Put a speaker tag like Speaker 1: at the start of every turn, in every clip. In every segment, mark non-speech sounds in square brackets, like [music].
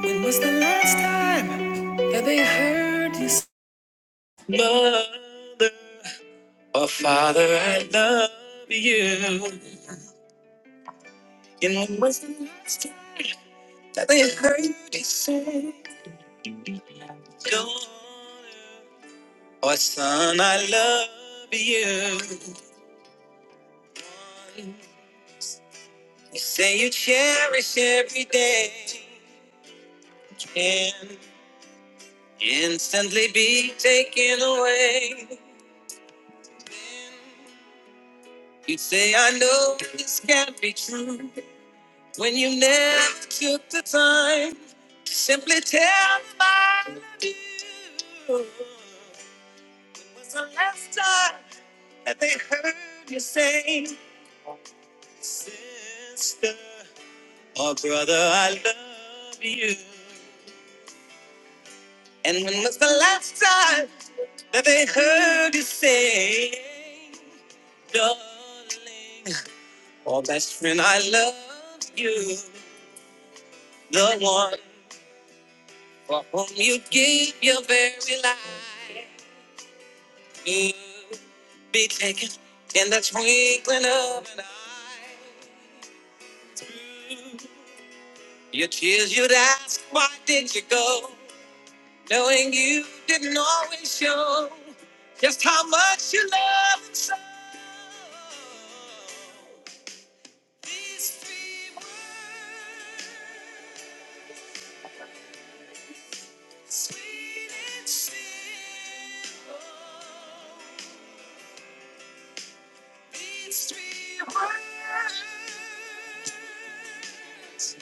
Speaker 1: When was the last time that they heard you say, Mother or Father, I love you? And when was the last time that they heard you say, Daughter or Son, I love you? You say you cherish every day, can instantly be taken away. You say, I know this can't be true. When you never took the time to simply tell me I love you, was the last time that they heard you say, Sister or brother, I love you. And when was the last time that they heard you say, Darling or best friend, I love you, the one for whom you gave your very life. you be taken in the twinkling of an eye. Your tears you'd ask, why did you go? Knowing you didn't always show just how much you love and so. These three words, sweet and simple. These three words.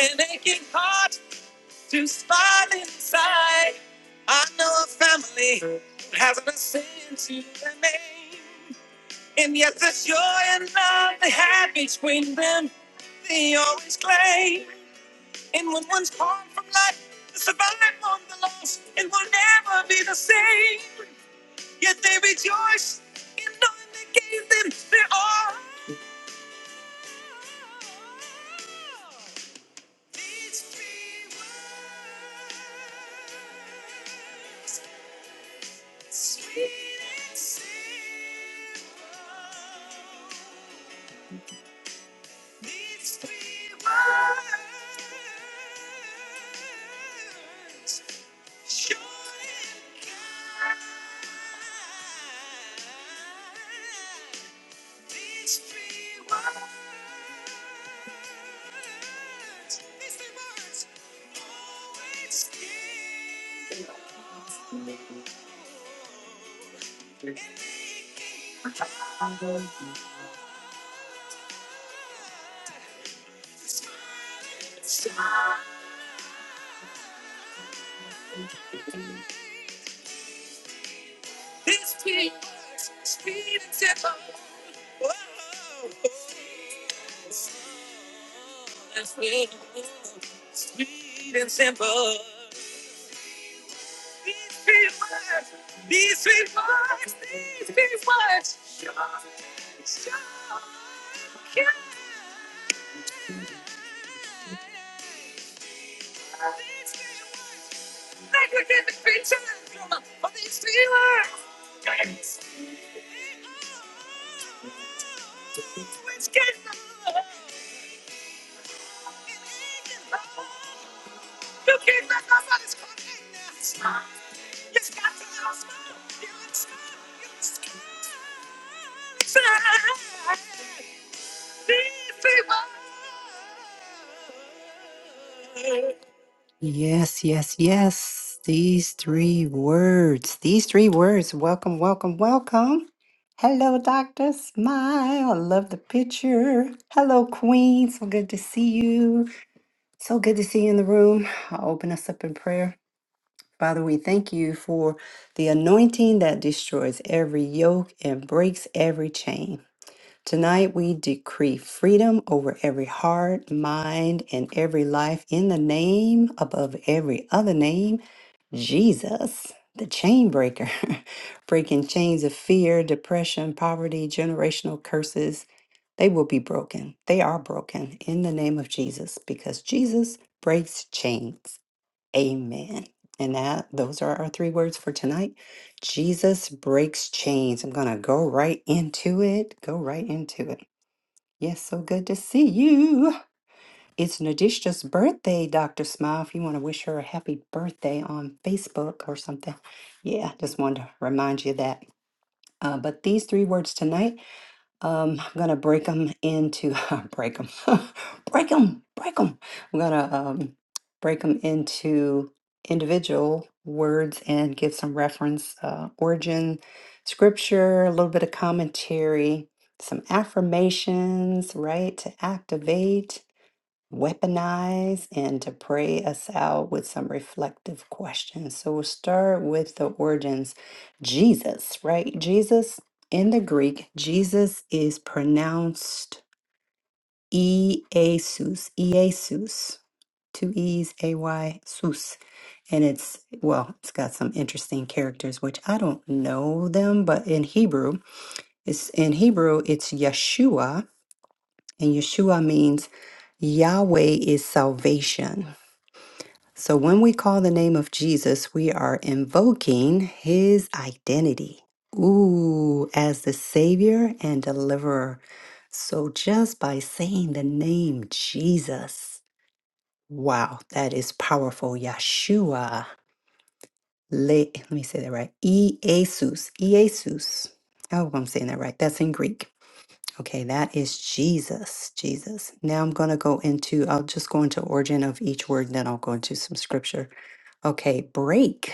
Speaker 1: And aching heart to spot inside. I know a family that hasn't a sin to their name. And yet the joy and love they had between them, they always claim. And when one's torn from life, to survive on the loss, it will never be the same. Yet they rejoice in knowing they gave them their all. These three words, sweet and simple. These three words. Sweet and simple. These three words, these three words, these people, shock, shock, yeah. These people, negligent creatures, for these feelings, which can you can't let nobody's connect. You got to know school, you're in school, you're in school. Yes, yes, yes. These three words. These three words. Welcome, welcome, welcome. Hello, Dr. Smile. I love the picture. Hello, Queen. So good to see you. So good to see you in the room. I'll open us up in prayer. Father, we thank you for the anointing that destroys every yoke and breaks every chain. Tonight we decree freedom over every heart, mind, and every life in the name above every other name, Jesus, the chain breaker, [laughs] breaking chains of fear, depression, poverty, generational curses. They will be broken. They are broken in the name of Jesus because Jesus breaks chains. Amen. And that those are our three words for tonight. Jesus breaks chains. I'm going to go right into it. Go right into it. Yes, so good to see you. It's Nadishka's birthday, Dr. Smile. If you want to wish her a happy birthday on Facebook or something. Yeah, just wanted to remind you of that. Uh, but these three words tonight um, I'm gonna break them into [laughs] break them, [laughs] break them, break them. I'm gonna um, break them into individual words and give some reference, uh, origin, scripture, a little bit of commentary, some affirmations, right, to activate weaponize and to pray us out with some reflective questions. So we'll start with the origins. Jesus, right? Jesus in the Greek, Jesus is pronounced Iesus, Iesus, two E's, A Y, Sus. And it's, well, it's got some interesting characters, which I don't know them, but in Hebrew, it's in Hebrew, it's Yeshua, and Yeshua means Yahweh is salvation. So when we call the name of Jesus, we are invoking his identity. Ooh, as the Savior and Deliverer. So just by saying the name Jesus, wow, that is powerful. Yeshua. Le, let me say that right. Iesus, Iesus. I hope I'm saying that right. That's in Greek. Okay, that is Jesus. Jesus. Now I'm going to go into, I'll just go into origin of each word, then I'll go into some scripture. Okay, break.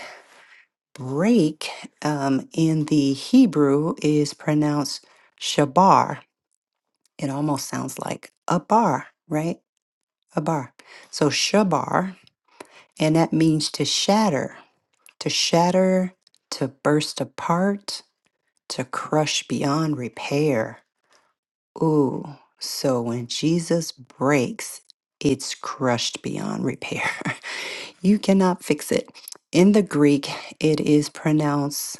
Speaker 1: Break um, in the Hebrew is pronounced shabar. It almost sounds like a bar, right? A bar. So shabar, and that means to shatter, to shatter, to burst apart, to crush beyond repair. Ooh, so when Jesus breaks, it's crushed beyond repair. [laughs] you cannot fix it. In the Greek, it is pronounced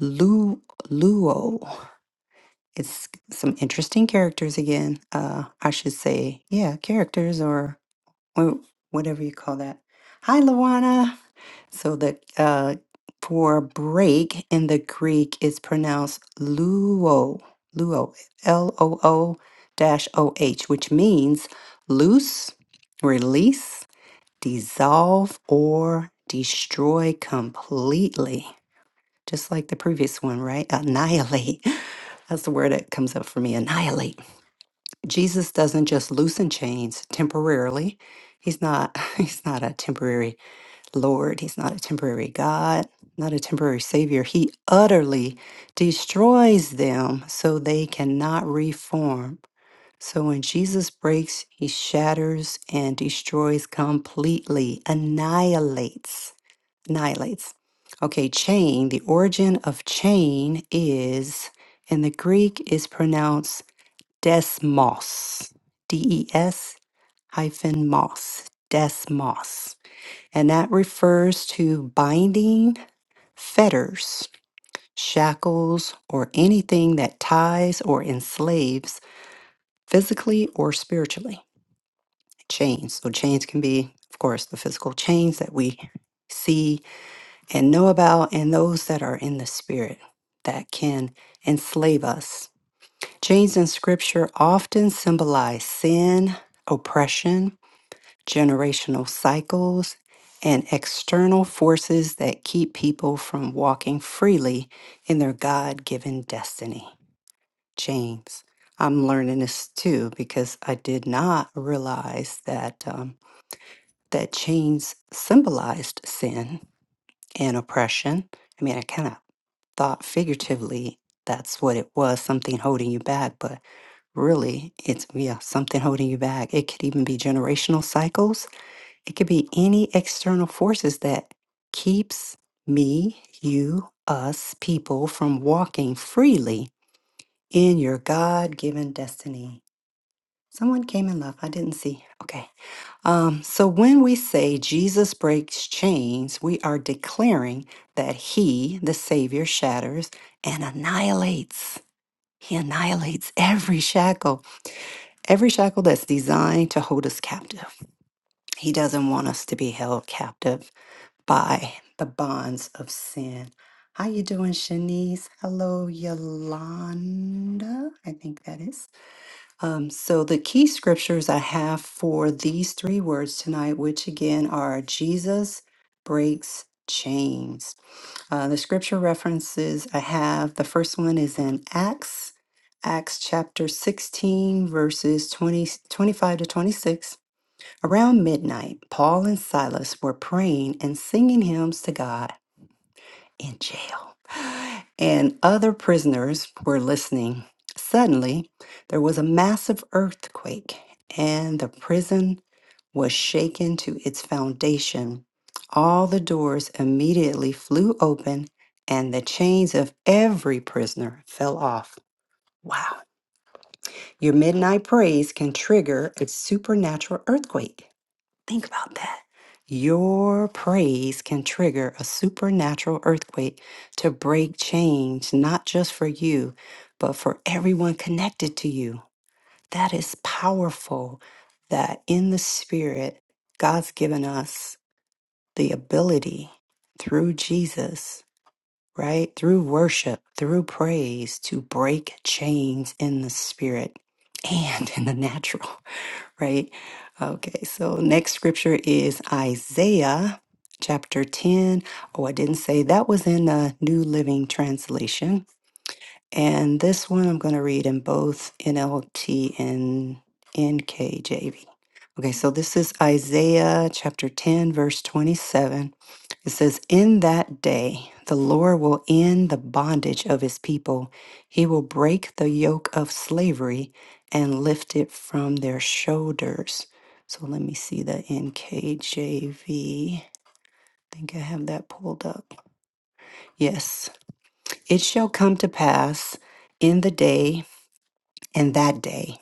Speaker 1: Lu Luo. It's some interesting characters again. Uh, I should say, yeah, characters or wha- whatever you call that. Hi, Luana. So the uh, for break in the Greek is pronounced luo, luo, L O O dash O H, which means loose, release, dissolve, or destroy completely just like the previous one, right? Annihilate. [laughs] That's the word that comes up for me annihilate. Jesus doesn't just loosen chains temporarily. He's not [laughs] he's not a temporary lord, he's not a temporary god, not a temporary savior. He utterly destroys them so they cannot reform. So when Jesus breaks, he shatters and destroys completely, annihilates annihilates. Okay, chain, the origin of chain is, in the Greek, is pronounced desmos, D E S hyphen mos, desmos. And that refers to binding fetters, shackles, or anything that ties or enslaves physically or spiritually. Chains. So chains can be, of course, the physical chains that we see and know about and those that are in the spirit that can enslave us. Chains in scripture often symbolize sin, oppression, generational cycles, and external forces that keep people from walking freely in their God given destiny. Chains. I'm learning this too because I did not realize that um, that chains symbolized sin and oppression. I mean, I kind of thought figuratively that's what it was something holding you back but really it's yeah something holding you back it could even be generational cycles it could be any external forces that keeps me you us people from walking freely in your god-given destiny someone came in love i didn't see okay um, so when we say Jesus breaks chains, we are declaring that he, the Savior, shatters and annihilates. He annihilates every shackle, every shackle that's designed to hold us captive. He doesn't want us to be held captive by the bonds of sin. How you doing, Shanice? Hello, Yolanda. I think that is. Um, so the key scriptures I have for these three words tonight, which again are Jesus breaks chains. Uh, the scripture references I have, the first one is in Acts, Acts chapter 16, verses 20 25 to 26. Around midnight, Paul and Silas were praying and singing hymns to God in jail. And other prisoners were listening. Suddenly, there was a massive earthquake, and the prison was shaken to its foundation. All the doors immediately flew open, and the chains of every prisoner fell off. Wow. Your midnight praise can trigger a supernatural earthquake. Think about that. Your praise can trigger a supernatural earthquake to break chains, not just for you, but for everyone connected to you. That is powerful that in the spirit, God's given us the ability through Jesus, right? Through worship, through praise, to break chains in the spirit and [laughs] in the natural right? Okay, so next scripture is Isaiah chapter 10. Oh, I didn't say that was in the New Living Translation. And this one I'm going to read in both NLT and NKJV. Okay, so this is Isaiah chapter 10, verse 27. It says, In that day, the Lord will end the bondage of his people. He will break the yoke of slavery and lift it from their shoulders. So let me see the NKJV. I think I have that pulled up. Yes. It shall come to pass in the day, in that day,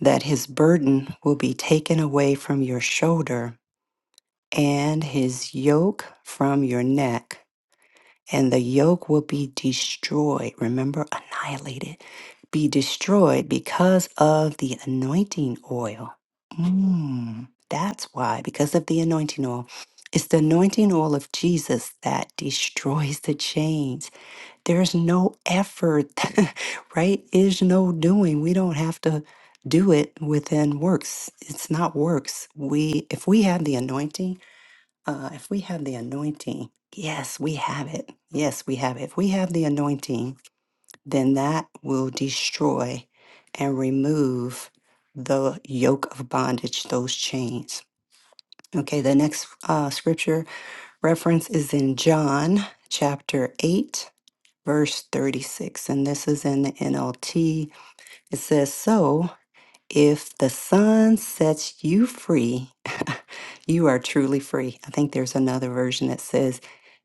Speaker 1: that his burden will be taken away from your shoulder and his yoke from your neck. and the yoke will be destroyed. Remember, annihilated, be destroyed because of the anointing oil. Mm, that's why, because of the anointing oil. It's the anointing oil of Jesus that destroys the chains. There's no effort, [laughs] right? Is no doing. We don't have to do it within works. It's not works. We if we have the anointing, uh, if we have the anointing, yes, we have it. Yes, we have it. If we have the anointing, then that will destroy and remove the yoke of bondage, those chains. Okay, the next uh, scripture reference is in John chapter 8, verse 36. And this is in the NLT. It says, So if the sun sets you free, [laughs] you are truly free. I think there's another version that says,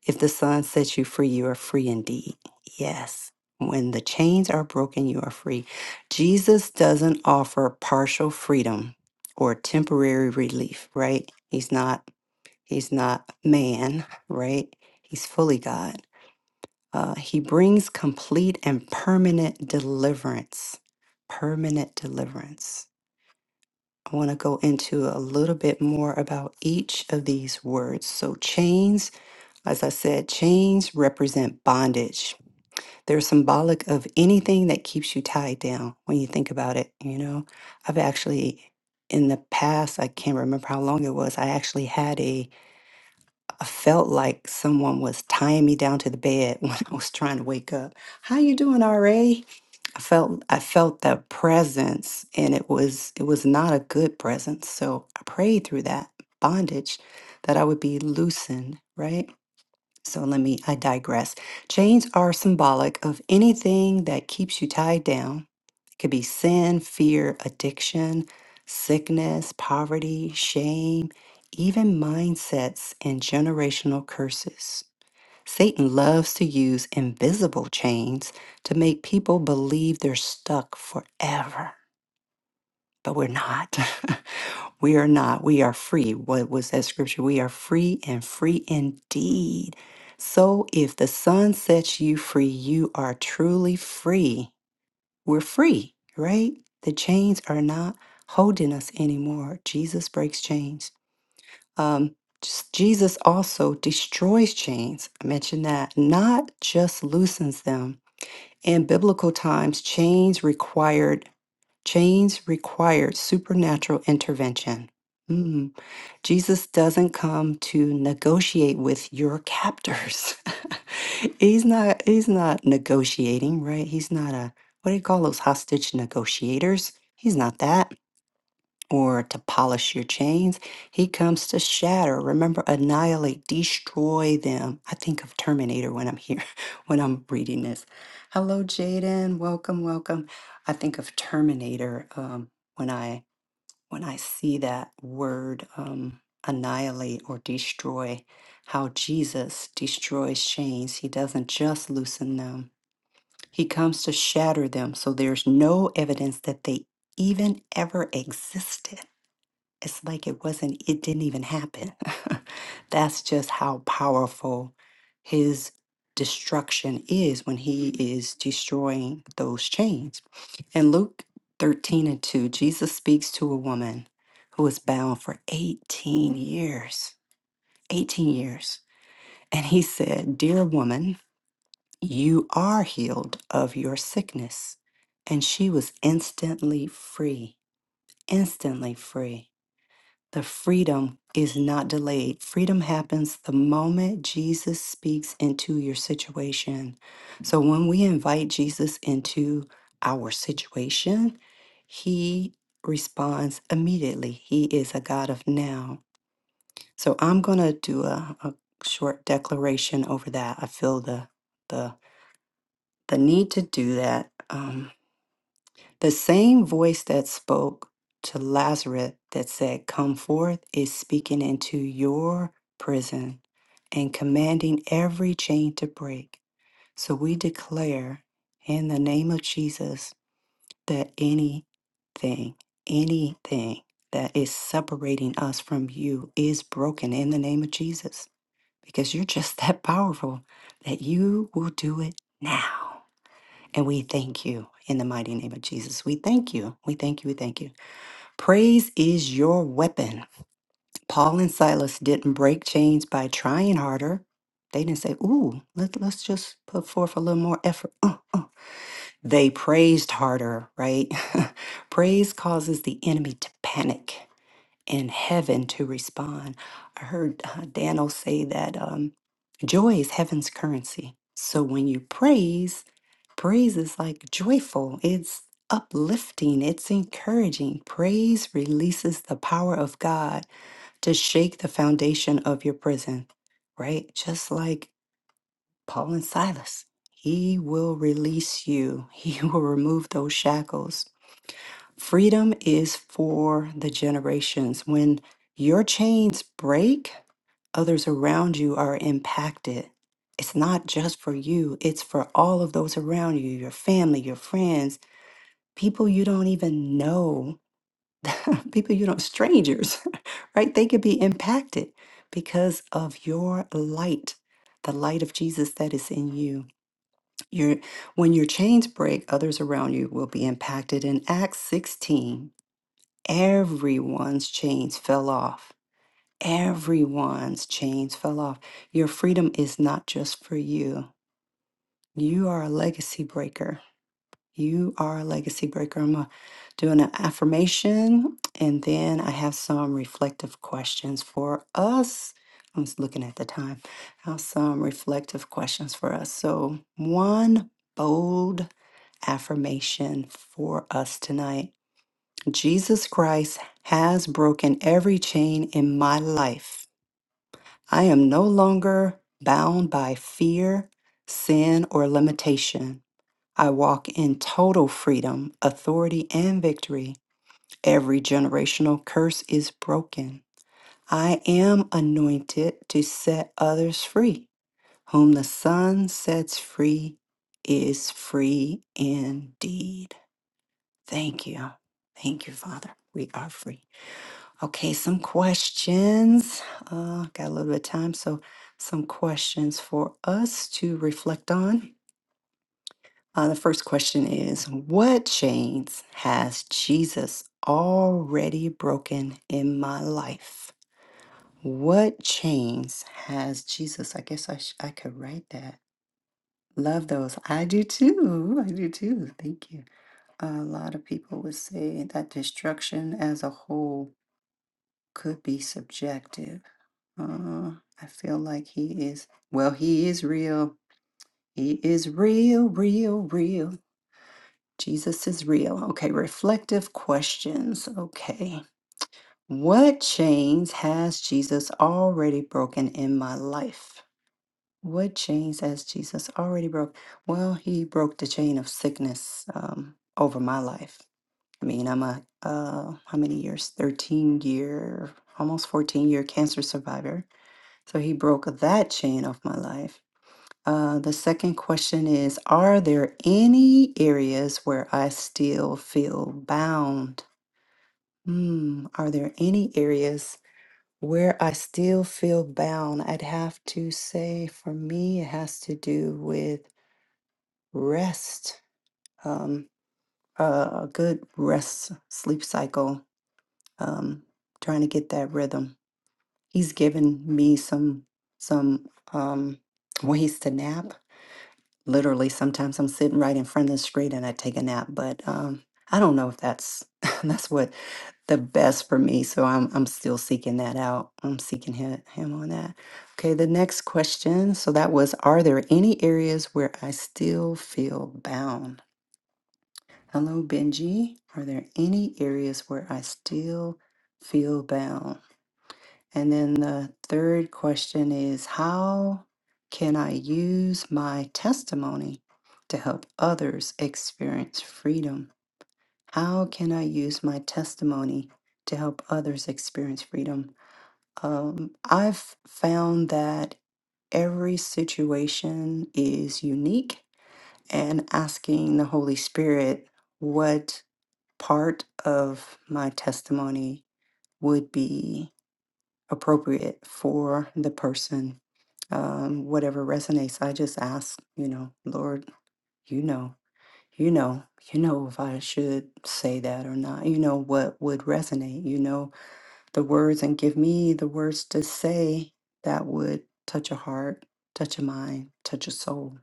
Speaker 1: If the sun sets you free, you are free indeed. Yes. When the chains are broken, you are free. Jesus doesn't offer partial freedom or temporary relief, right? He's not he's not man, right? He's fully God. Uh, he brings complete and permanent deliverance. Permanent deliverance. I want to go into a little bit more about each of these words. So, chains, as I said, chains represent bondage. They're symbolic of anything that keeps you tied down when you think about it. You know, I've actually, in the past, I can't remember how long it was, I actually had a, I felt like someone was tying me down to the bed [laughs] when I was trying to wake up. How you doing, RA? I felt I felt that presence and it was it was not a good presence. So I prayed through that bondage that I would be loosened, right? So let me I digress. Chains are symbolic of anything that keeps you tied down. It could be sin, fear, addiction, sickness, poverty, shame, even mindsets and generational curses. Satan loves to use invisible chains to make people believe they're stuck forever, but we're not. [laughs] we are not. We are free. What was that scripture? We are free and free indeed. So if the sun sets you free, you are truly free. We're free, right? The chains are not holding us anymore. Jesus breaks chains. Um, just- Jesus also destroys chains. I mentioned that, not just loosens them. In biblical times, chains required chains required supernatural intervention. Mm, Jesus doesn't come to negotiate with your captors. [laughs] he's not. He's not negotiating, right? He's not a what do you call those hostage negotiators? He's not that or to polish your chains. He comes to shatter. Remember, annihilate, destroy them. I think of Terminator when I'm here, [laughs] when I'm reading this. Hello, Jaden. Welcome, welcome. I think of Terminator um, when I when I see that word um, annihilate or destroy. How Jesus destroys chains. He doesn't just loosen them. He comes to shatter them. So there's no evidence that they even ever existed. It's like it wasn't, it didn't even happen. [laughs] That's just how powerful his destruction is when he is destroying those chains. In Luke 13 and 2, Jesus speaks to a woman who was bound for 18 years. 18 years. And he said, Dear woman, you are healed of your sickness. And she was instantly free, instantly free. The freedom is not delayed. Freedom happens the moment Jesus speaks into your situation. So when we invite Jesus into our situation, he responds immediately. He is a God of now. So I'm going to do a, a short declaration over that. I feel the the the need to do that. Um, the same voice that spoke to Lazarus that said, Come forth, is speaking into your prison and commanding every chain to break. So we declare in the name of Jesus that anything, anything that is separating us from you is broken in the name of Jesus because you're just [laughs] that powerful that you will do it now. And we thank you in the mighty name of Jesus. We thank you. We thank you. We thank you. Praise is your weapon. Paul and Silas didn't break chains by trying harder. They didn't say, ooh, let, let's just put forth a little more effort. Uh, uh. They praised harder, right? [laughs] Praise causes the enemy to panic in heaven to respond. I heard uh, Daniel say that um, joy is heaven's currency. So when you praise, praise is like joyful, it's uplifting, it's encouraging. Praise releases the power of God to shake the foundation of your prison, right? Just like Paul and Silas. He will release you. [laughs] He will remove those shackles Freedom is for the generations. When your chains break, others around you are impacted. It's not just for you, it's for all of those around you your family, your friends, people you don't even know, [laughs] people you don't, strangers, [laughs] right? They could be impacted because of your light, the light of Jesus that is in you. Your, when your chains break, others around you will be impacted. In Acts 16, Everyone's chains fell off. Everyone's chains fell off. Your freedom is not just for you. You are a legacy breaker. You are a legacy breaker. I'm gonna do an affirmation and then I have some reflective questions for us. I'm just looking at the time. I have some reflective questions for us. So, one bold affirmation for us tonight. Jesus Christ has broken every chain in my life. I am no longer bound by fear, sin, or limitation. I walk in total freedom, authority, and victory. Every generational curse is broken. I am anointed to set others free. Whom the Son sets free is free indeed. Thank you. Thank you, Father. We are free. Okay, some questions. Uh, got a little bit of time, so some questions for us to reflect on. Uh, the first question is What chains has Jesus already broken in my life? What chains has Jesus? I guess I, sh- I could write that. Love those. I do too. I do too. Thank you. A lot of people would say that destruction as a whole could be subjective Uh, I feel like he is. Well, he is real. He is real, real, real. Jesus is real. Okay, reflective questions. Okay. What chains has Jesus already broken in my life? What chains has Jesus already broke? Well, he broke the chain of sickness um, over my life. I mean, I'm a, uh, how many years? 13 year, almost 14 year cancer survivor. So he broke that chain off my life Uh, the second question is Are there any areas where I still feel bound? Hmm, are there any areas where I still feel bound? I'd have to say for me, it has to do with rest, um, uh, a good rest sleep cycle, um, trying to get that rhythm. He's given me some some um, ways to nap literally sometimes I'm sitting right in front of the street and I take a nap. But um, I don't know if that's [laughs] that's what the best for me. So I'm I'm still seeking that out. I'm seeking him, him on that. Okay, the next question. So that was, are there any areas where I still feel bound? Hello, Benji. Are there any areas where I still feel bound? And then the third question is How can I use my testimony to help others experience freedom? How can I use my testimony to help others experience freedom? Um, I've found that every situation is unique, and asking the Holy Spirit what part of my testimony would be appropriate for the person. Um, whatever resonates, I just ask, you know, Lord, you know, you know, you know if I should say that or not. You know what would resonate. You know the words, and give me the words to say that would touch a heart, touch a mind, touch a soul.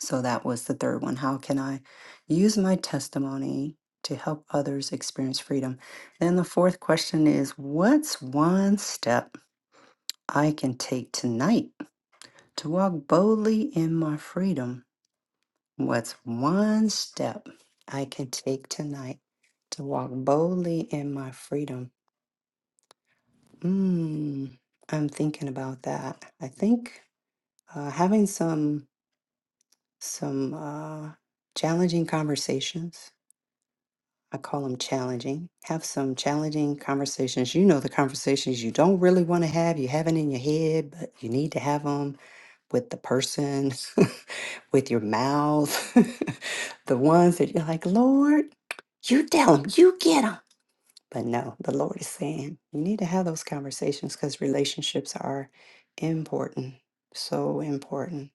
Speaker 1: So that was the third one. How can I use my testimony to help others experience freedom? Then the fourth question is, what's one step? I can take tonight to walk boldly in my freedom. What's one step I can take tonight to walk boldly in my freedom? Mm, I'm thinking about that. I think uh, having some some uh, challenging conversations. I call them challenging. Have some challenging conversations. You know the conversations you don't really want to have. You have it in your head, but you need to have them with the person, [laughs] with your mouth, [laughs] the ones that you're like, Lord, you tell them, you get them. But no, the Lord is saying you need to have those conversations because relationships are important, so important.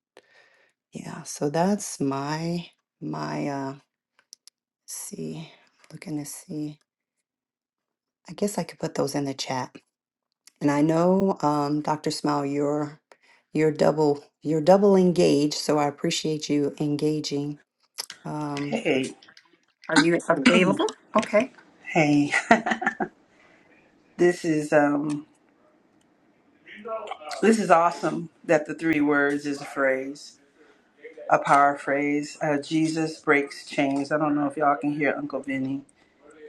Speaker 1: Yeah, so that's my my uh see looking to see. I guess I could put those in the chat. And I know, um, Dr. Smile, you're you're double you're double engaged, so I appreciate you engaging Um,
Speaker 2: Hey,
Speaker 1: okay,
Speaker 2: hey. This is um this is awesome that the three words is a phrase, a power phrase. Uh, Jesus breaks chains. I don't know if y'all can hear Uncle Vinny.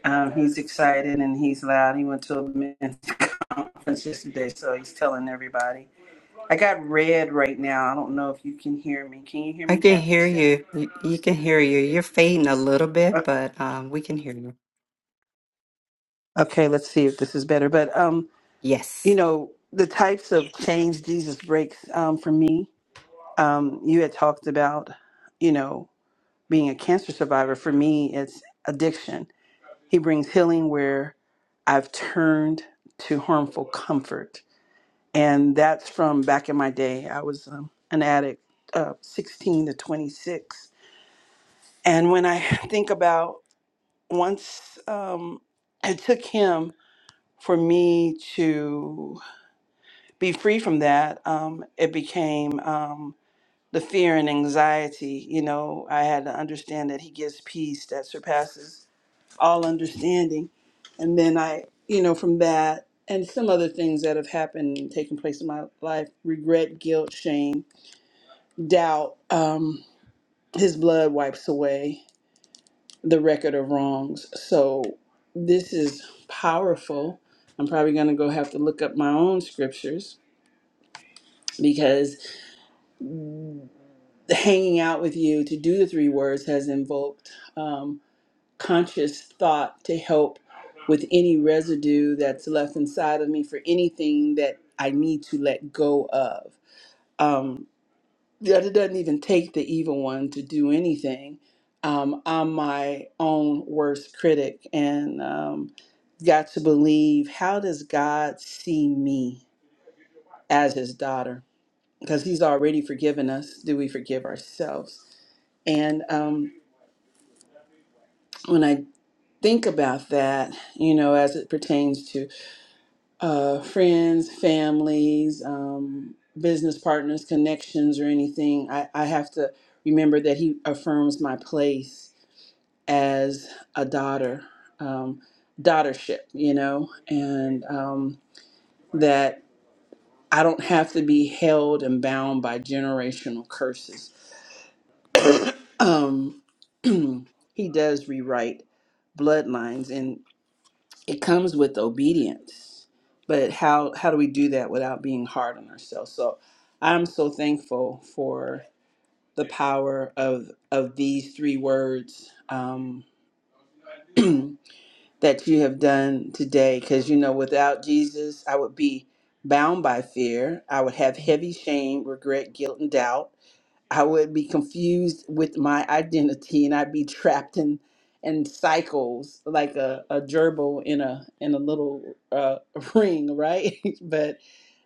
Speaker 2: Um, he's excited and he's loud. He went to a men's [laughs] conference yesterday, so he's telling everybody. I got red right now. I don't know if you can hear me. Can you hear
Speaker 1: I
Speaker 2: me,
Speaker 1: can
Speaker 2: Kathy?
Speaker 1: hear
Speaker 2: Still?
Speaker 1: you. You you can hear you. You're fading a little bit,
Speaker 2: Okay.
Speaker 1: but um, we can hear you.
Speaker 2: Okay. Let's see if this is better. But um, you
Speaker 1: Yes,
Speaker 2: know the types of chains Jesus breaks um for me um, you had talked about, you know, being a cancer survivor. For me, it's addiction. He brings healing where I've turned to harmful comfort. And that's from back in my day. I was um, an addict, uh, 16 to 26. And when I [laughs] think about once um, it took him for me to be free from that, um, it became. Um, the fear and anxiety. You know, I had to understand that He gives peace that surpasses all understanding. And then I, you know, from that and some other things that have happened and taken place in my life regret, guilt, shame, doubt. Um, his blood wipes away the record of wrongs. So this is powerful. I'm probably going to go have to look up my own scriptures because hanging out with you to do the three words has invoked um, conscious thought to help with any residue that's left inside of me for anything that I need to let go of. Um, yeah, it doesn't even take the evil one to do anything. Um, I'm my own worst critic and um, got to believe how does God see me as his daughter? Because he's already forgiven us. Do we forgive ourselves? And um, when I think about that, you know, as it pertains to uh, friends, families, um, business partners, connections, or anything, I, I have to remember that he affirms my place as a daughter, um, daughtership, you know, and um, that I don't have to be held and bound by generational curses. Um, [clears throat] he does rewrite bloodlines it comes with obedience but how how do we do that without being hard on ourselves so i'm so thankful for the power of of these three words um, [clears throat] that you have done today because you know without jesus i would be bound by fear i would have heavy shame regret guilt and doubt I would be confused with my identity and I'd be trapped in in cycles like a, a gerbil in a in a little uh, [laughs] ring, right? [laughs] but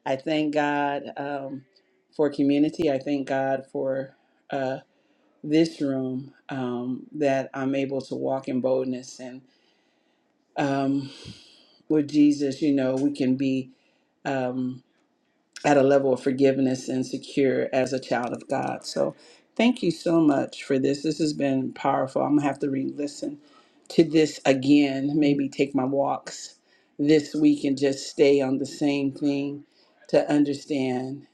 Speaker 2: I thank God um, for community. I thank God for uh, this room um, that I'm able to walk in boldness and um, with Jesus, you know, we can be. Um, at a level of forgiveness and secure as a child of God. So thank you so much for this. This has been powerful. I'm gonna have to re-listen to this again, maybe take my walks this week and just stay on the same thing to understand,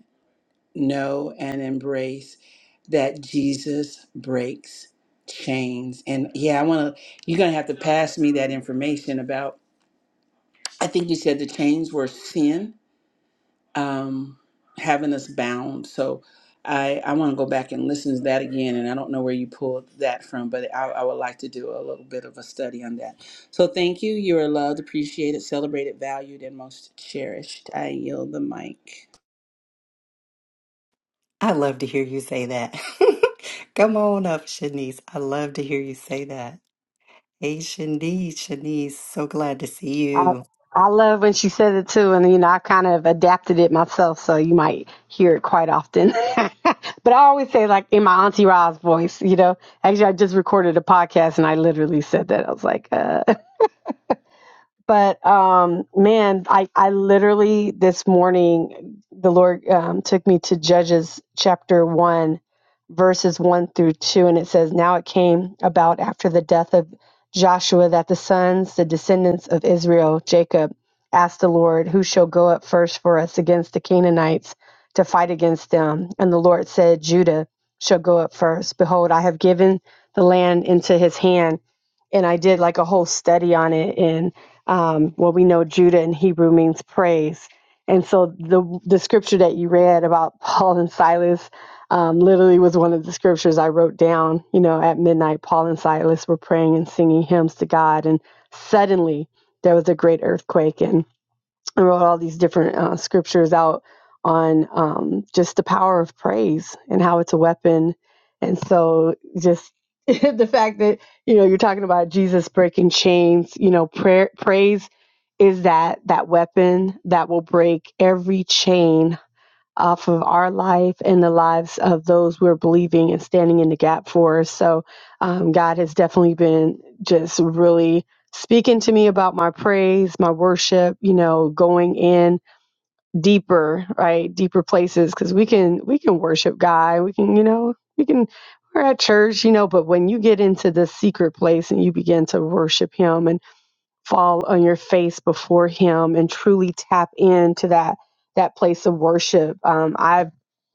Speaker 2: know, and embrace that Jesus breaks chains. And yeah, I wanna you're gonna have to pass me that information about I think you said the chains were sin um, having us bound. So I, I want to go back and listen to that again. And I don't know where you pulled that from, but I, I would like to do a little bit of a study on that. So thank you. You are loved, appreciated, celebrated, valued, and most cherished. I yield the mic.
Speaker 1: I love to hear you say that. [laughs] Come on up, Shanice. I love to hear you say that. Hey, Shanice, Shanice, so glad to see
Speaker 3: I,
Speaker 1: you.
Speaker 3: I love when she says it too, and you know I kind of adapted it myself, so you might hear it quite often. [laughs] but I always say like in my auntie Ra's voice, you know. Actually, I just recorded a podcast and I literally said that. I was like, uh, [laughs] but um man i i literally this morning the lord um, took me to judges chapter 1 verses 1 through 2 and it says now it came about after the death of joshua that the sons the descendants of israel jacob asked the Lord, 'Who shall go up first for us against the canaanites to fight against them and the lord said judah shall go up first behold i have given the land into his hand and i did like a whole study on it and um, well, we know Judah in Hebrew means praise. And so the, the scripture that you read about [laughs] Paul and Silas um, literally was one of the scriptures I wrote down. You know, at midnight, Paul and Silas were praying and singing hymns to God. And suddenly there was a great earthquake. and. I wrote all these different uh, scriptures out on um, just the power of praise and how it's a weapon. And so, just [laughs] the fact that you know you're talking about Jesus breaking chains, you know, prayer praise is that that weapon that will break every chain off of our life and the lives of those we're believing and standing in the gap for. So, um, God has definitely been just really speaking to me about my praise, my worship, you know, going in deeper, right? Deeper places because we can we can worship God. We can, you know, we can we're at church, you know, but when you get into the secret place and you begin to worship him and fall on your face before him and truly tap into that that place of worship um, i've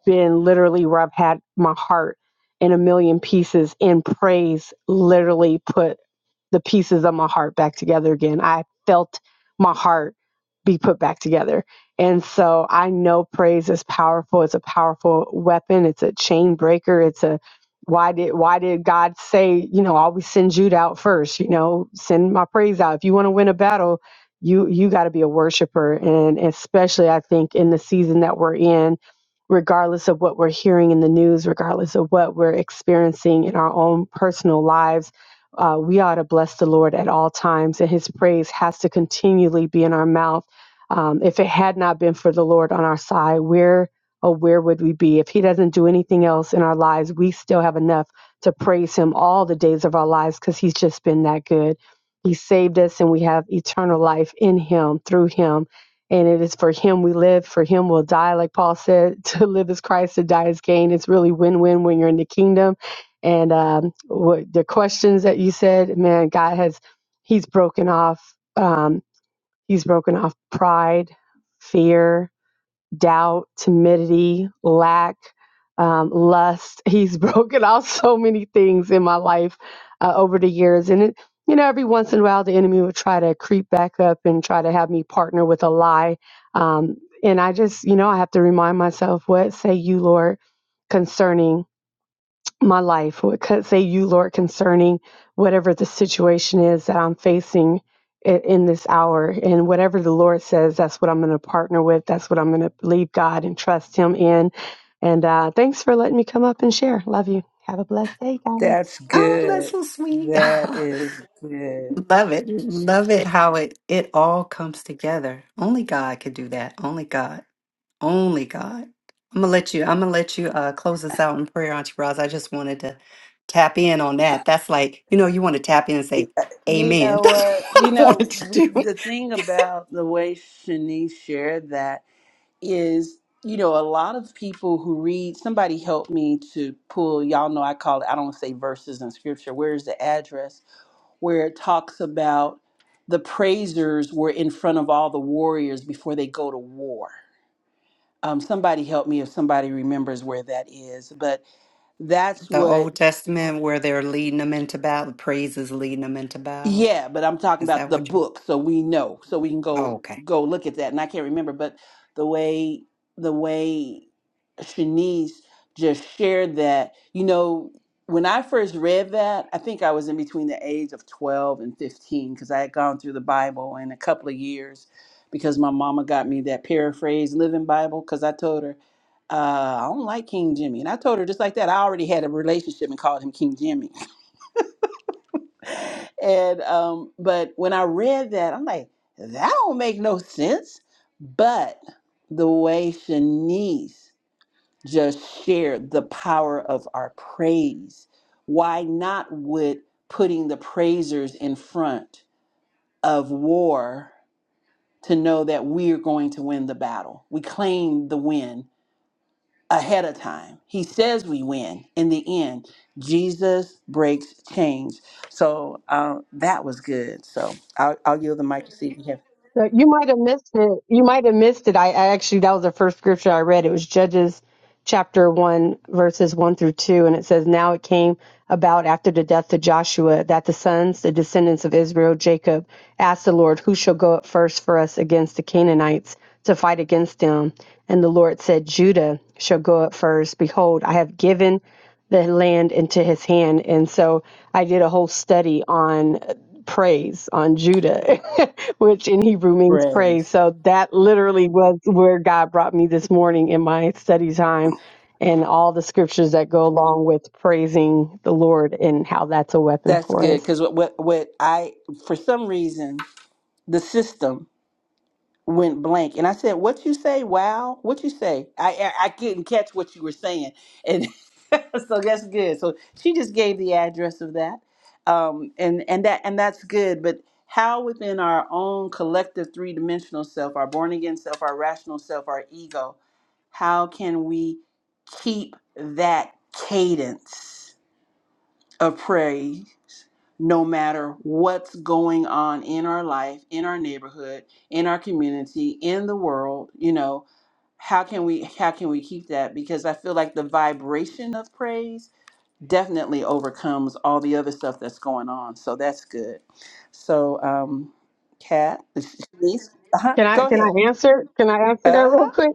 Speaker 3: been literally where i've had my heart in a million pieces in praise literally put the pieces of my heart back together again. I felt my heart be put back together. And so I know praise is powerful. It's a powerful weapon. It's a chain breaker. It's a why did why did God say, you know, always send Jude out first, you know, send my praise out. If you want to win a battle, you you got to be a worshiper and especially I think in the season that we're in, regardless of what we're hearing in the news, regardless of what we're experiencing in our own personal lives, uh, we ought to bless the Lord at all times, and his praise has to continually be in our mouth. Um, if it had not been for the Lord on our side, where oh where would we be? If he doesn't do anything else in our lives, we still have enough to praise him all the days of our lives because he's just been that good. He saved us and we have eternal life in him, through him. And it is for him we live, for him we'll die, like Paul said, [laughs] to live is Christ, to die is gain. It's really win win when you're in the kingdom and um, what the questions that you said, man, God has He's broken off. Um, he's broken off pride, fear, doubt, timidity, lack, um, lust. He's [laughs] broken off so many things in my life uh, over the years, and it. You know, every once in a while, the enemy would try to creep back up and try to have me partner with a lie. Um, and I just, you know, I have to remind myself, what say you, Lord, concerning? my life. What could say you, Lord, concerning whatever the situation is that I'm facing i- in this hour. And whatever the Lord says, that's what I'm going to partner with. That's what I'm going to believe God and trust Him in. And uh, thanks for letting me come up and share. Love you. Have a blessed day, guys.
Speaker 2: That's
Speaker 1: Oh, that's
Speaker 2: good.
Speaker 1: so sweet. [laughs]
Speaker 2: That is good.
Speaker 1: Love it. Love it how it it all comes together. Only God could do that. Only God. Only God. I'm gonna let you. I'm gonna let you uh, close us out in prayer, Auntie Roz. I just wanted to tap in on that. That's like you know, you want to tap in and say,
Speaker 2: You
Speaker 1: "Amen." [laughs]
Speaker 2: know
Speaker 1: That's
Speaker 2: what? You
Speaker 1: what I
Speaker 2: know,
Speaker 1: wanted to do.
Speaker 2: the thing
Speaker 1: [laughs]
Speaker 2: about the way Shanice shared that. is you know a lot of people who read somebody helped me to pull y'all know i call it i don't say verses in scripture where's the address where it talks about the praisers were in front of all the warriors before they go to war um, somebody help me if somebody remembers where that is but that's
Speaker 1: The
Speaker 2: what
Speaker 1: Old Testament, where they're leading them into battle, praise is leading them into battle.
Speaker 2: Yeah, but I'm talking
Speaker 1: Is
Speaker 2: about
Speaker 1: that
Speaker 2: the
Speaker 1: what you?
Speaker 2: book, so we know, so we can
Speaker 1: Oh,
Speaker 2: go
Speaker 1: okay.
Speaker 2: go look at that. And I can't remember, but the way the way Shanice just shared that, you know, when I first read that, I think I was in between the age of 12 and 15 because I had gone through the Bible in a couple of years because my mama got me that paraphrase living Bible because I told her uh, I don't like King Jimmy, and I told her just like that I already had a relationship and called him King Jimmy. [laughs] and um, but when I read that, I'm like, that don't make no sense. But the way Shanice just shared the power of our praise, why not with putting the praisers in front of war to know that we're going to win the battle? We claim the win ahead of time. He says we win in the end. Jesus breaks chains. So uh, that was good. So I'll, I'll yield the mic to see if we have
Speaker 3: So you might have missed it. You might have missed it. I, I actually, that was the first scripture I read. It was Judges chapter 1, verses 1 through 2. And it says, Now it came about after the death of Joshua that the sons, the descendants of Israel, Jacob, asked the Lord, 'Who shall go up first for us against the Canaanites to fight against them? And the Lord said, Judah shall go up first. Behold, I have given the land into his hand. And so I did a whole study on praise on Judah, [laughs] which in Hebrew means praise.
Speaker 2: praise.
Speaker 3: So that literally was where God brought me this morning in my study time and all the scriptures that go along with praising the Lord and how that's a weapon
Speaker 2: That's
Speaker 3: for
Speaker 2: good
Speaker 3: us.
Speaker 2: because what, what what I for some reason the system went blank and i said what you say wow what you say i i, I couldn't catch what you were saying and [laughs] so that's good so she just gave the address of that um and and that and that's good but how within our own collective three-dimensional self our born again self our rational self our ego how can we keep that cadence of praise no matter what's going on in our life, in our neighborhood, in our community, in the world, you know, how can we how can we keep that because I feel like the vibration of praise definitely overcomes all the other stuff that's going on. So that's good. So um Kat, [laughs] Shanice, uh-huh,
Speaker 3: Can I
Speaker 2: go
Speaker 3: can
Speaker 2: ahead.
Speaker 3: I answer? Can I answer that real
Speaker 2: Uh-huh.
Speaker 3: quick?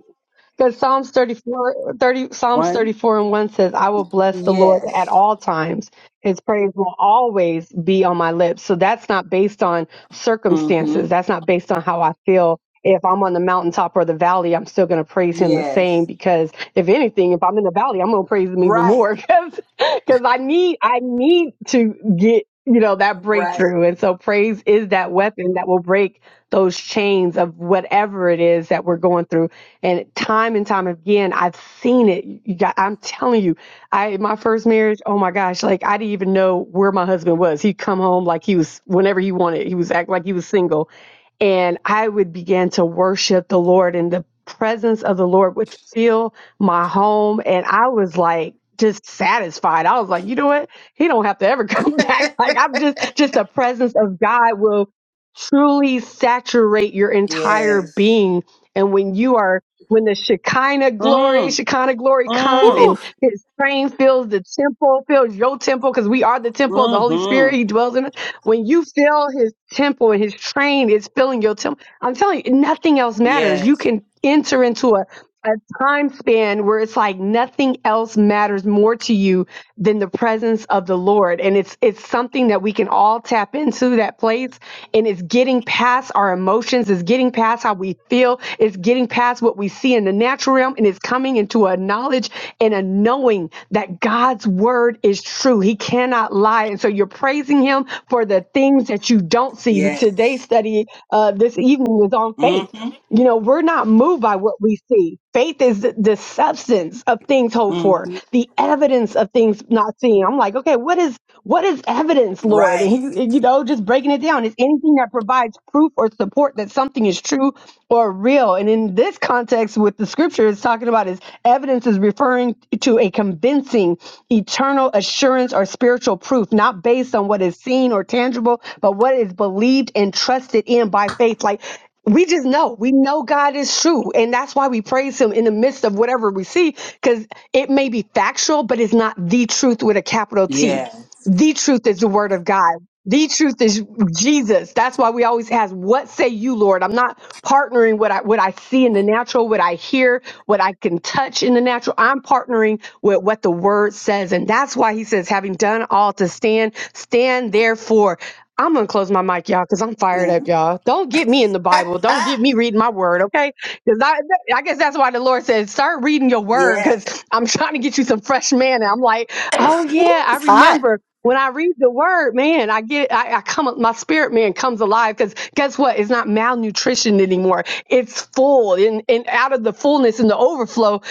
Speaker 3: Because Psalms 34 30 Psalms
Speaker 2: One.
Speaker 3: 34 and 1 says, I will bless the Lord at
Speaker 2: Yes.
Speaker 3: all times. His praise will always be on my lips. So that's not based on circumstances.
Speaker 2: Mhm.
Speaker 3: That's not based on how I feel if I'm on the mountaintop or the valley, I'm still going to praise him the same
Speaker 2: Yes.
Speaker 3: because if anything, if I'm in the valley, I'm going to praise him even
Speaker 2: Right.
Speaker 3: more [laughs] because because I need I need to get you know that
Speaker 2: Right.
Speaker 3: breakthrough. And so praise is that weapon that will break those chains of whatever it is that we're going through. And time and time again, I've seen it. You got, I'm telling you, I my first marriage, oh my gosh, like I didn't even know where my husband was. He'd come home like he was whenever he wanted. He was act like he was single and I would begin to worship the Lord, and the presence of the Lord would fill my home, and I was like just satisfied. I was like, you know what? He don't have to ever [laughs] come
Speaker 2: [laughs]
Speaker 3: back. Like I'm just just the presence of God will truly saturate your entire
Speaker 2: yes.
Speaker 3: being, and when you are when the Shekinah glory,
Speaker 2: Mm.
Speaker 3: Shekinah glory comes
Speaker 2: Mm.
Speaker 1: Woo,
Speaker 3: and his train fills the temple, fills your temple, because we are the temple of the Holy Spirit.
Speaker 2: Mm-hmm.
Speaker 3: He dwells in us when you feel his temple and his train is filling your temple, I'm telling you, nothing else matters. You
Speaker 2: Yes.
Speaker 3: can enter into a, a time span where it's like nothing else matters more to you than the presence of the Lord. And it's it's something that we can all tap into that place. And it's getting past our emotions, it's getting past how we feel, it's getting past what we see in the natural realm, and it's coming into a knowledge and a knowing that God's word is true true. He cannot lie. And so you're praising him for the things that you don't see. Today's
Speaker 2: Yes.
Speaker 3: study uh, this evening was on faith.
Speaker 2: Mm-hmm.
Speaker 3: You know, we're not moved by what we see. Faith is the the substance of things hoped for,
Speaker 2: Mm-hmm.
Speaker 3: the evidence of things not seen. I'm like, okay, what is what is evidence, Lord? And
Speaker 2: Right.
Speaker 3: he, and, you know, just breaking it down. It's anything that provides proof or support that something is true or real. And in this context, with the scripture, it's talking about is evidence is referring to a convincing eternal assurance or spiritual proof, not based on what is seen or tangible, but what is believed and trusted in by faith. Like we just know, we know God is true. And that's why we praise him in the midst of whatever we see, because it may be factual, but it's not the truth with a capital T.
Speaker 2: Yes.
Speaker 3: The truth is the word of God. The truth is Jesus. That's why we always ask, what say you, Lord? I'm not partnering what I what I see in the natural, what I hear, what I can touch in the natural. I'm partnering with what the word says. And that's why he says, having done all to stand, stand therefore. I'm gonna close my mic, y'all, because I'm fired up, y'all. Don't get me in the Bible. Don't
Speaker 2: Yeah.
Speaker 3: get me reading my word, okay? Because I, I guess that's why the Lord said, start reading your
Speaker 2: [laughs]
Speaker 3: word,
Speaker 2: yes.
Speaker 3: because I'm [laughs] trying to get you some fresh manna. I'm like, oh
Speaker 1: woo,
Speaker 3: yeah, I
Speaker 1: it's hot.
Speaker 3: remember when I read the word, man, I get, I, I come, my spirit man comes alive. Because guess what? It's not malnutrition anymore. It's full, and and out of the fullness and the overflow,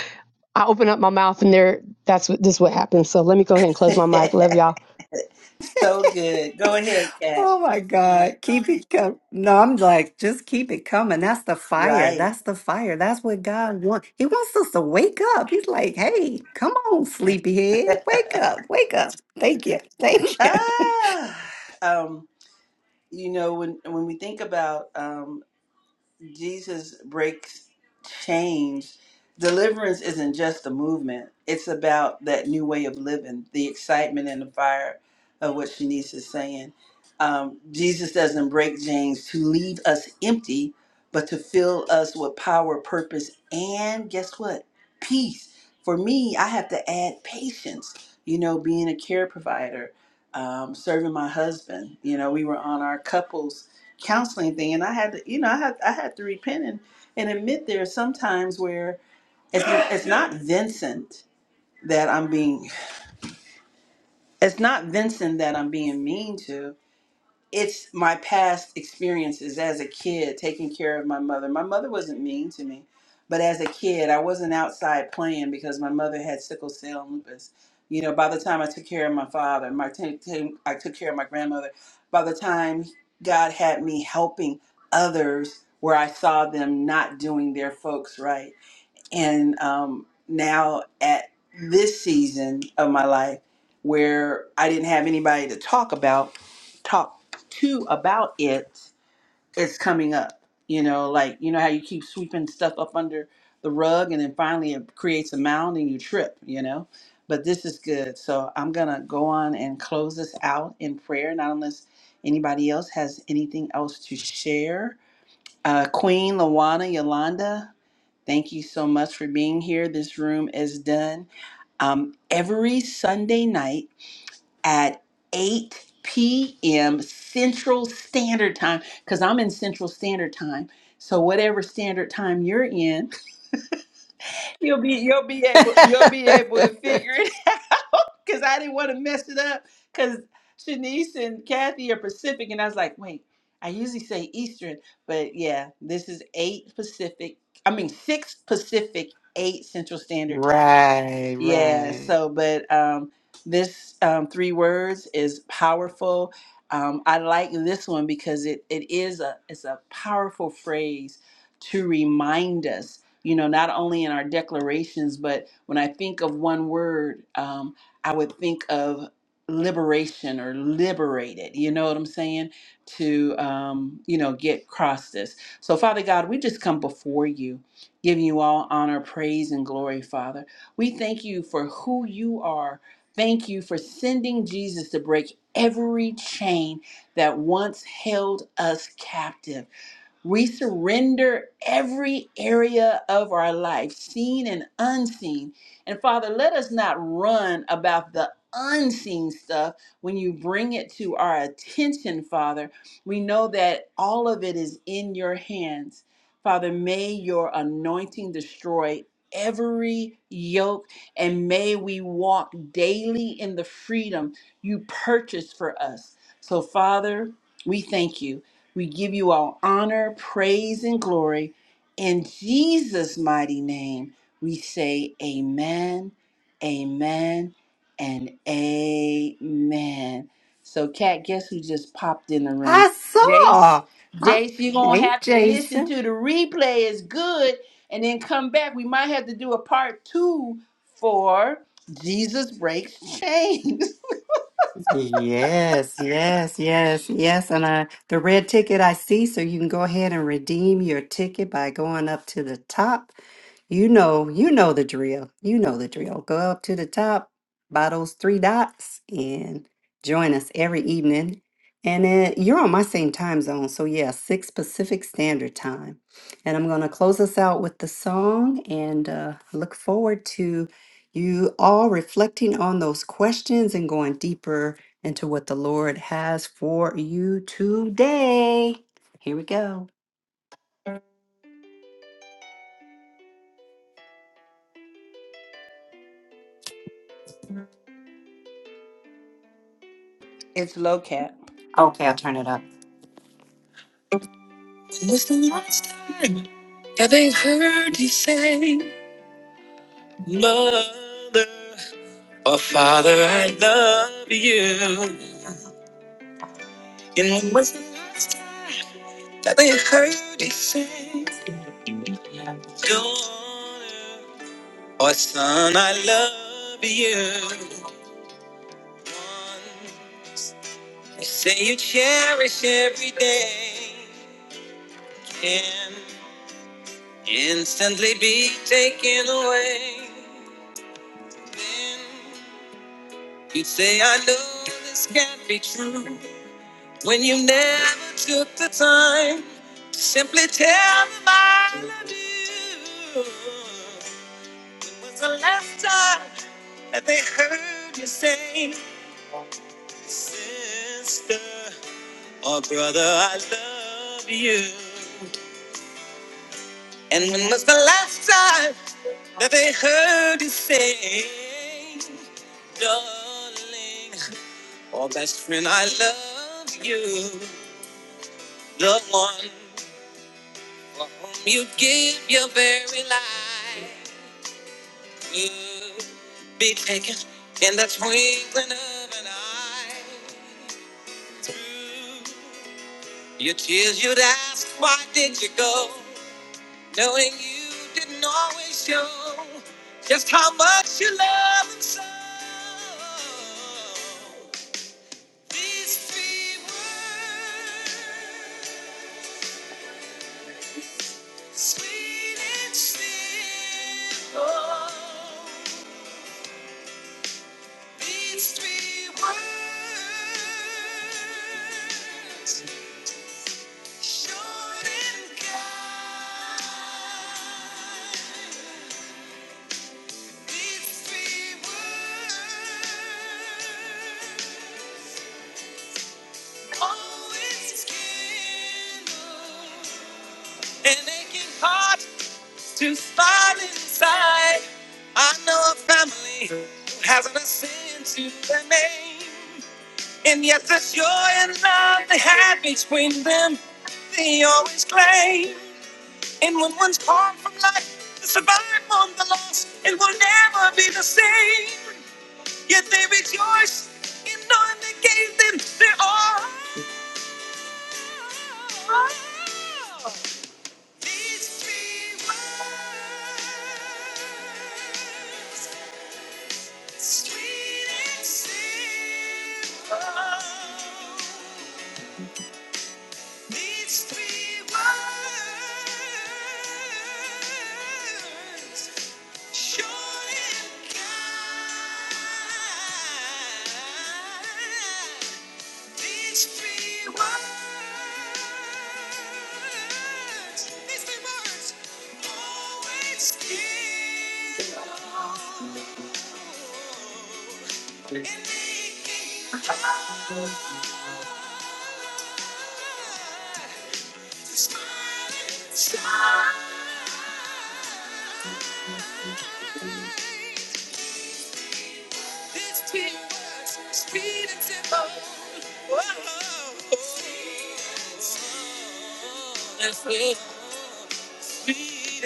Speaker 3: I open up my mouth, and there, that's what this what happens. So let me go ahead and close
Speaker 2: [laughs]
Speaker 3: my mic. Love y'all.
Speaker 2: so good. Go ahead, Kat.
Speaker 1: Oh my God. Keep it coming. No, I'm like, just keep it coming. That's the fire.
Speaker 2: Right.
Speaker 1: That's the fire. That's what God wants. He wants us to wake up. He's like, hey, come on, sleepyhead. Wake up. Wake up. Thank you. Thank you.
Speaker 2: Ah. Um, you know, when when we think about um. Jesus breaks chains. Deliverance isn't just a movement, it's about that new way of living, the excitement and the fire of what Shanice is saying. Um, Jesus doesn't break chains to leave us empty, but to fill us with power, purpose, and guess what? Peace. For me, I have to add patience, you know, being a care provider, um, serving my husband. You know, we were on our couples counseling thing and I had to you know I had I had to repent and, and admit there are some times where it's it's not Vincent that I'm being it's not Vincent that I'm being mean to it's my past experiences as a kid taking care of my mother. My mother wasn't mean to me, but as a kid, I wasn't outside playing because my mother had sickle cell and lupus. You know, by the time I took care of my father, my t- t- I took care of my grandmother. By the time God had me helping others where I saw them not doing their folks right and um, now at this season of my life where I didn't have anybody to talk about, talk to about it, it's coming up. You know, like you know how you keep sweeping stuff up under the rug, and then finally it creates a mound, and you trip. You know, but this is good. So I'm gonna go on and close this out in prayer, not unless anybody else has anything else to share. Uh, Queen Lawana Yolanda, Thank you so much for being here. This room is done um, every Sunday night at 8 p.m. Central Standard Time, because I'm in Central Standard Time. So, whatever standard time you're in, [laughs] You'll be you'll be able you'll be able
Speaker 1: [laughs]
Speaker 2: to figure it [laughs] out because I didn't want to mess it up because Shanice and Kathy are Pacific and I was like, wait, I usually say Eastern, but yeah, this is eight Pacific. I mean six Pacific, eight Central Standard
Speaker 1: right,
Speaker 2: yeah,
Speaker 1: right.
Speaker 2: so but um this um three words is powerful. Um I like this one because it it is a it's a powerful phrase to remind us, you know, not only in our declarations, but when I think of one word, um I would think of liberation or liberated. You know what I'm saying? To um, you know, get across this. So Father God, we just come before you, giving you all honor, praise and glory, Father. We thank you for who you are. Thank you for sending Jesus to break every chain that once held us captive. We surrender every area of our life, seen and unseen. And Father, let us not run about the unseen stuff when you bring it to our attention, Father. We know that all of it is in your hands. Father, may your anointing destroy every yoke and may we walk daily in the freedom you purchased for us. So, Father, we thank you. We give you all honor, praise, and glory. In Jesus' mighty name, we say amen, amen, and amen. So, Kat, guess who just popped in the room?
Speaker 1: I
Speaker 2: Jace.
Speaker 1: saw. I,
Speaker 2: Jace, you're going to
Speaker 1: hey,
Speaker 2: have to listen
Speaker 1: Jason.
Speaker 2: to the replay. It's good. And then come back. We might have to do a part two for Jesus Breaks Chains. [laughs]
Speaker 1: Yes, yes, yes, yes. And I, the red ticket I see, so you can go ahead and redeem your ticket by going up to the top. You know, you know the drill. You know the drill. Go up to the top by those three dots and join us every evening. And then you're on my same time zone. So, yeah, 6 Pacific Standard Time. And I'm going to close us out with the song and uh, look forward to you all reflecting on those questions and going deeper into what the Lord has for you today. Here we go.
Speaker 2: It's low, Cat.
Speaker 1: Okay, I'll turn it up. It was the last time. Have they heard you say, Mother or Father, I love you? And when was the last time that they heard you say, Daughter or Son, I love you? One, you say you cherish every day, can instantly be taken away. Then you say, I know this can't be true. When you never took the time to simply tell them I love you. When was the last time that they heard you say, Sister or brother, I love you? And when was the last time that they heard you say, Darling or best friend, I love you? The one You give your very life. You be taken in the twinkling of an eye. Through your tears, you'd ask, why did you go? Knowing you didn't always show just how much you love and so. These three words. Sweet and still, oh, these three words, short and kind. These three words, always kindle an aching heart to smile inside. I know a family who hasn't a sin to their name. And yet the joy and love they had between them, they always claim. And when one's torn from life, the survived on the loss, it will never be the same. Yet they rejoice in knowing they gave them their all. These three words Sweet and simple. Needs three words. Short and kind. These three words, these three words, always give hope in making Speed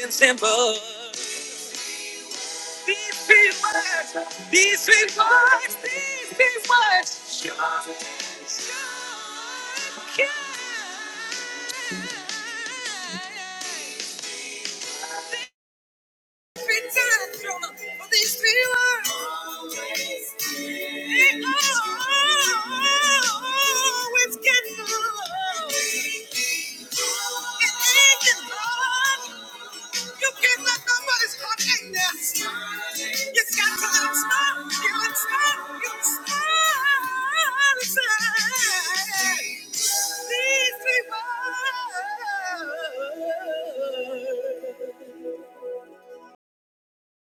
Speaker 1: and Simple. This is what, this is what, this is what God, God can. These three words.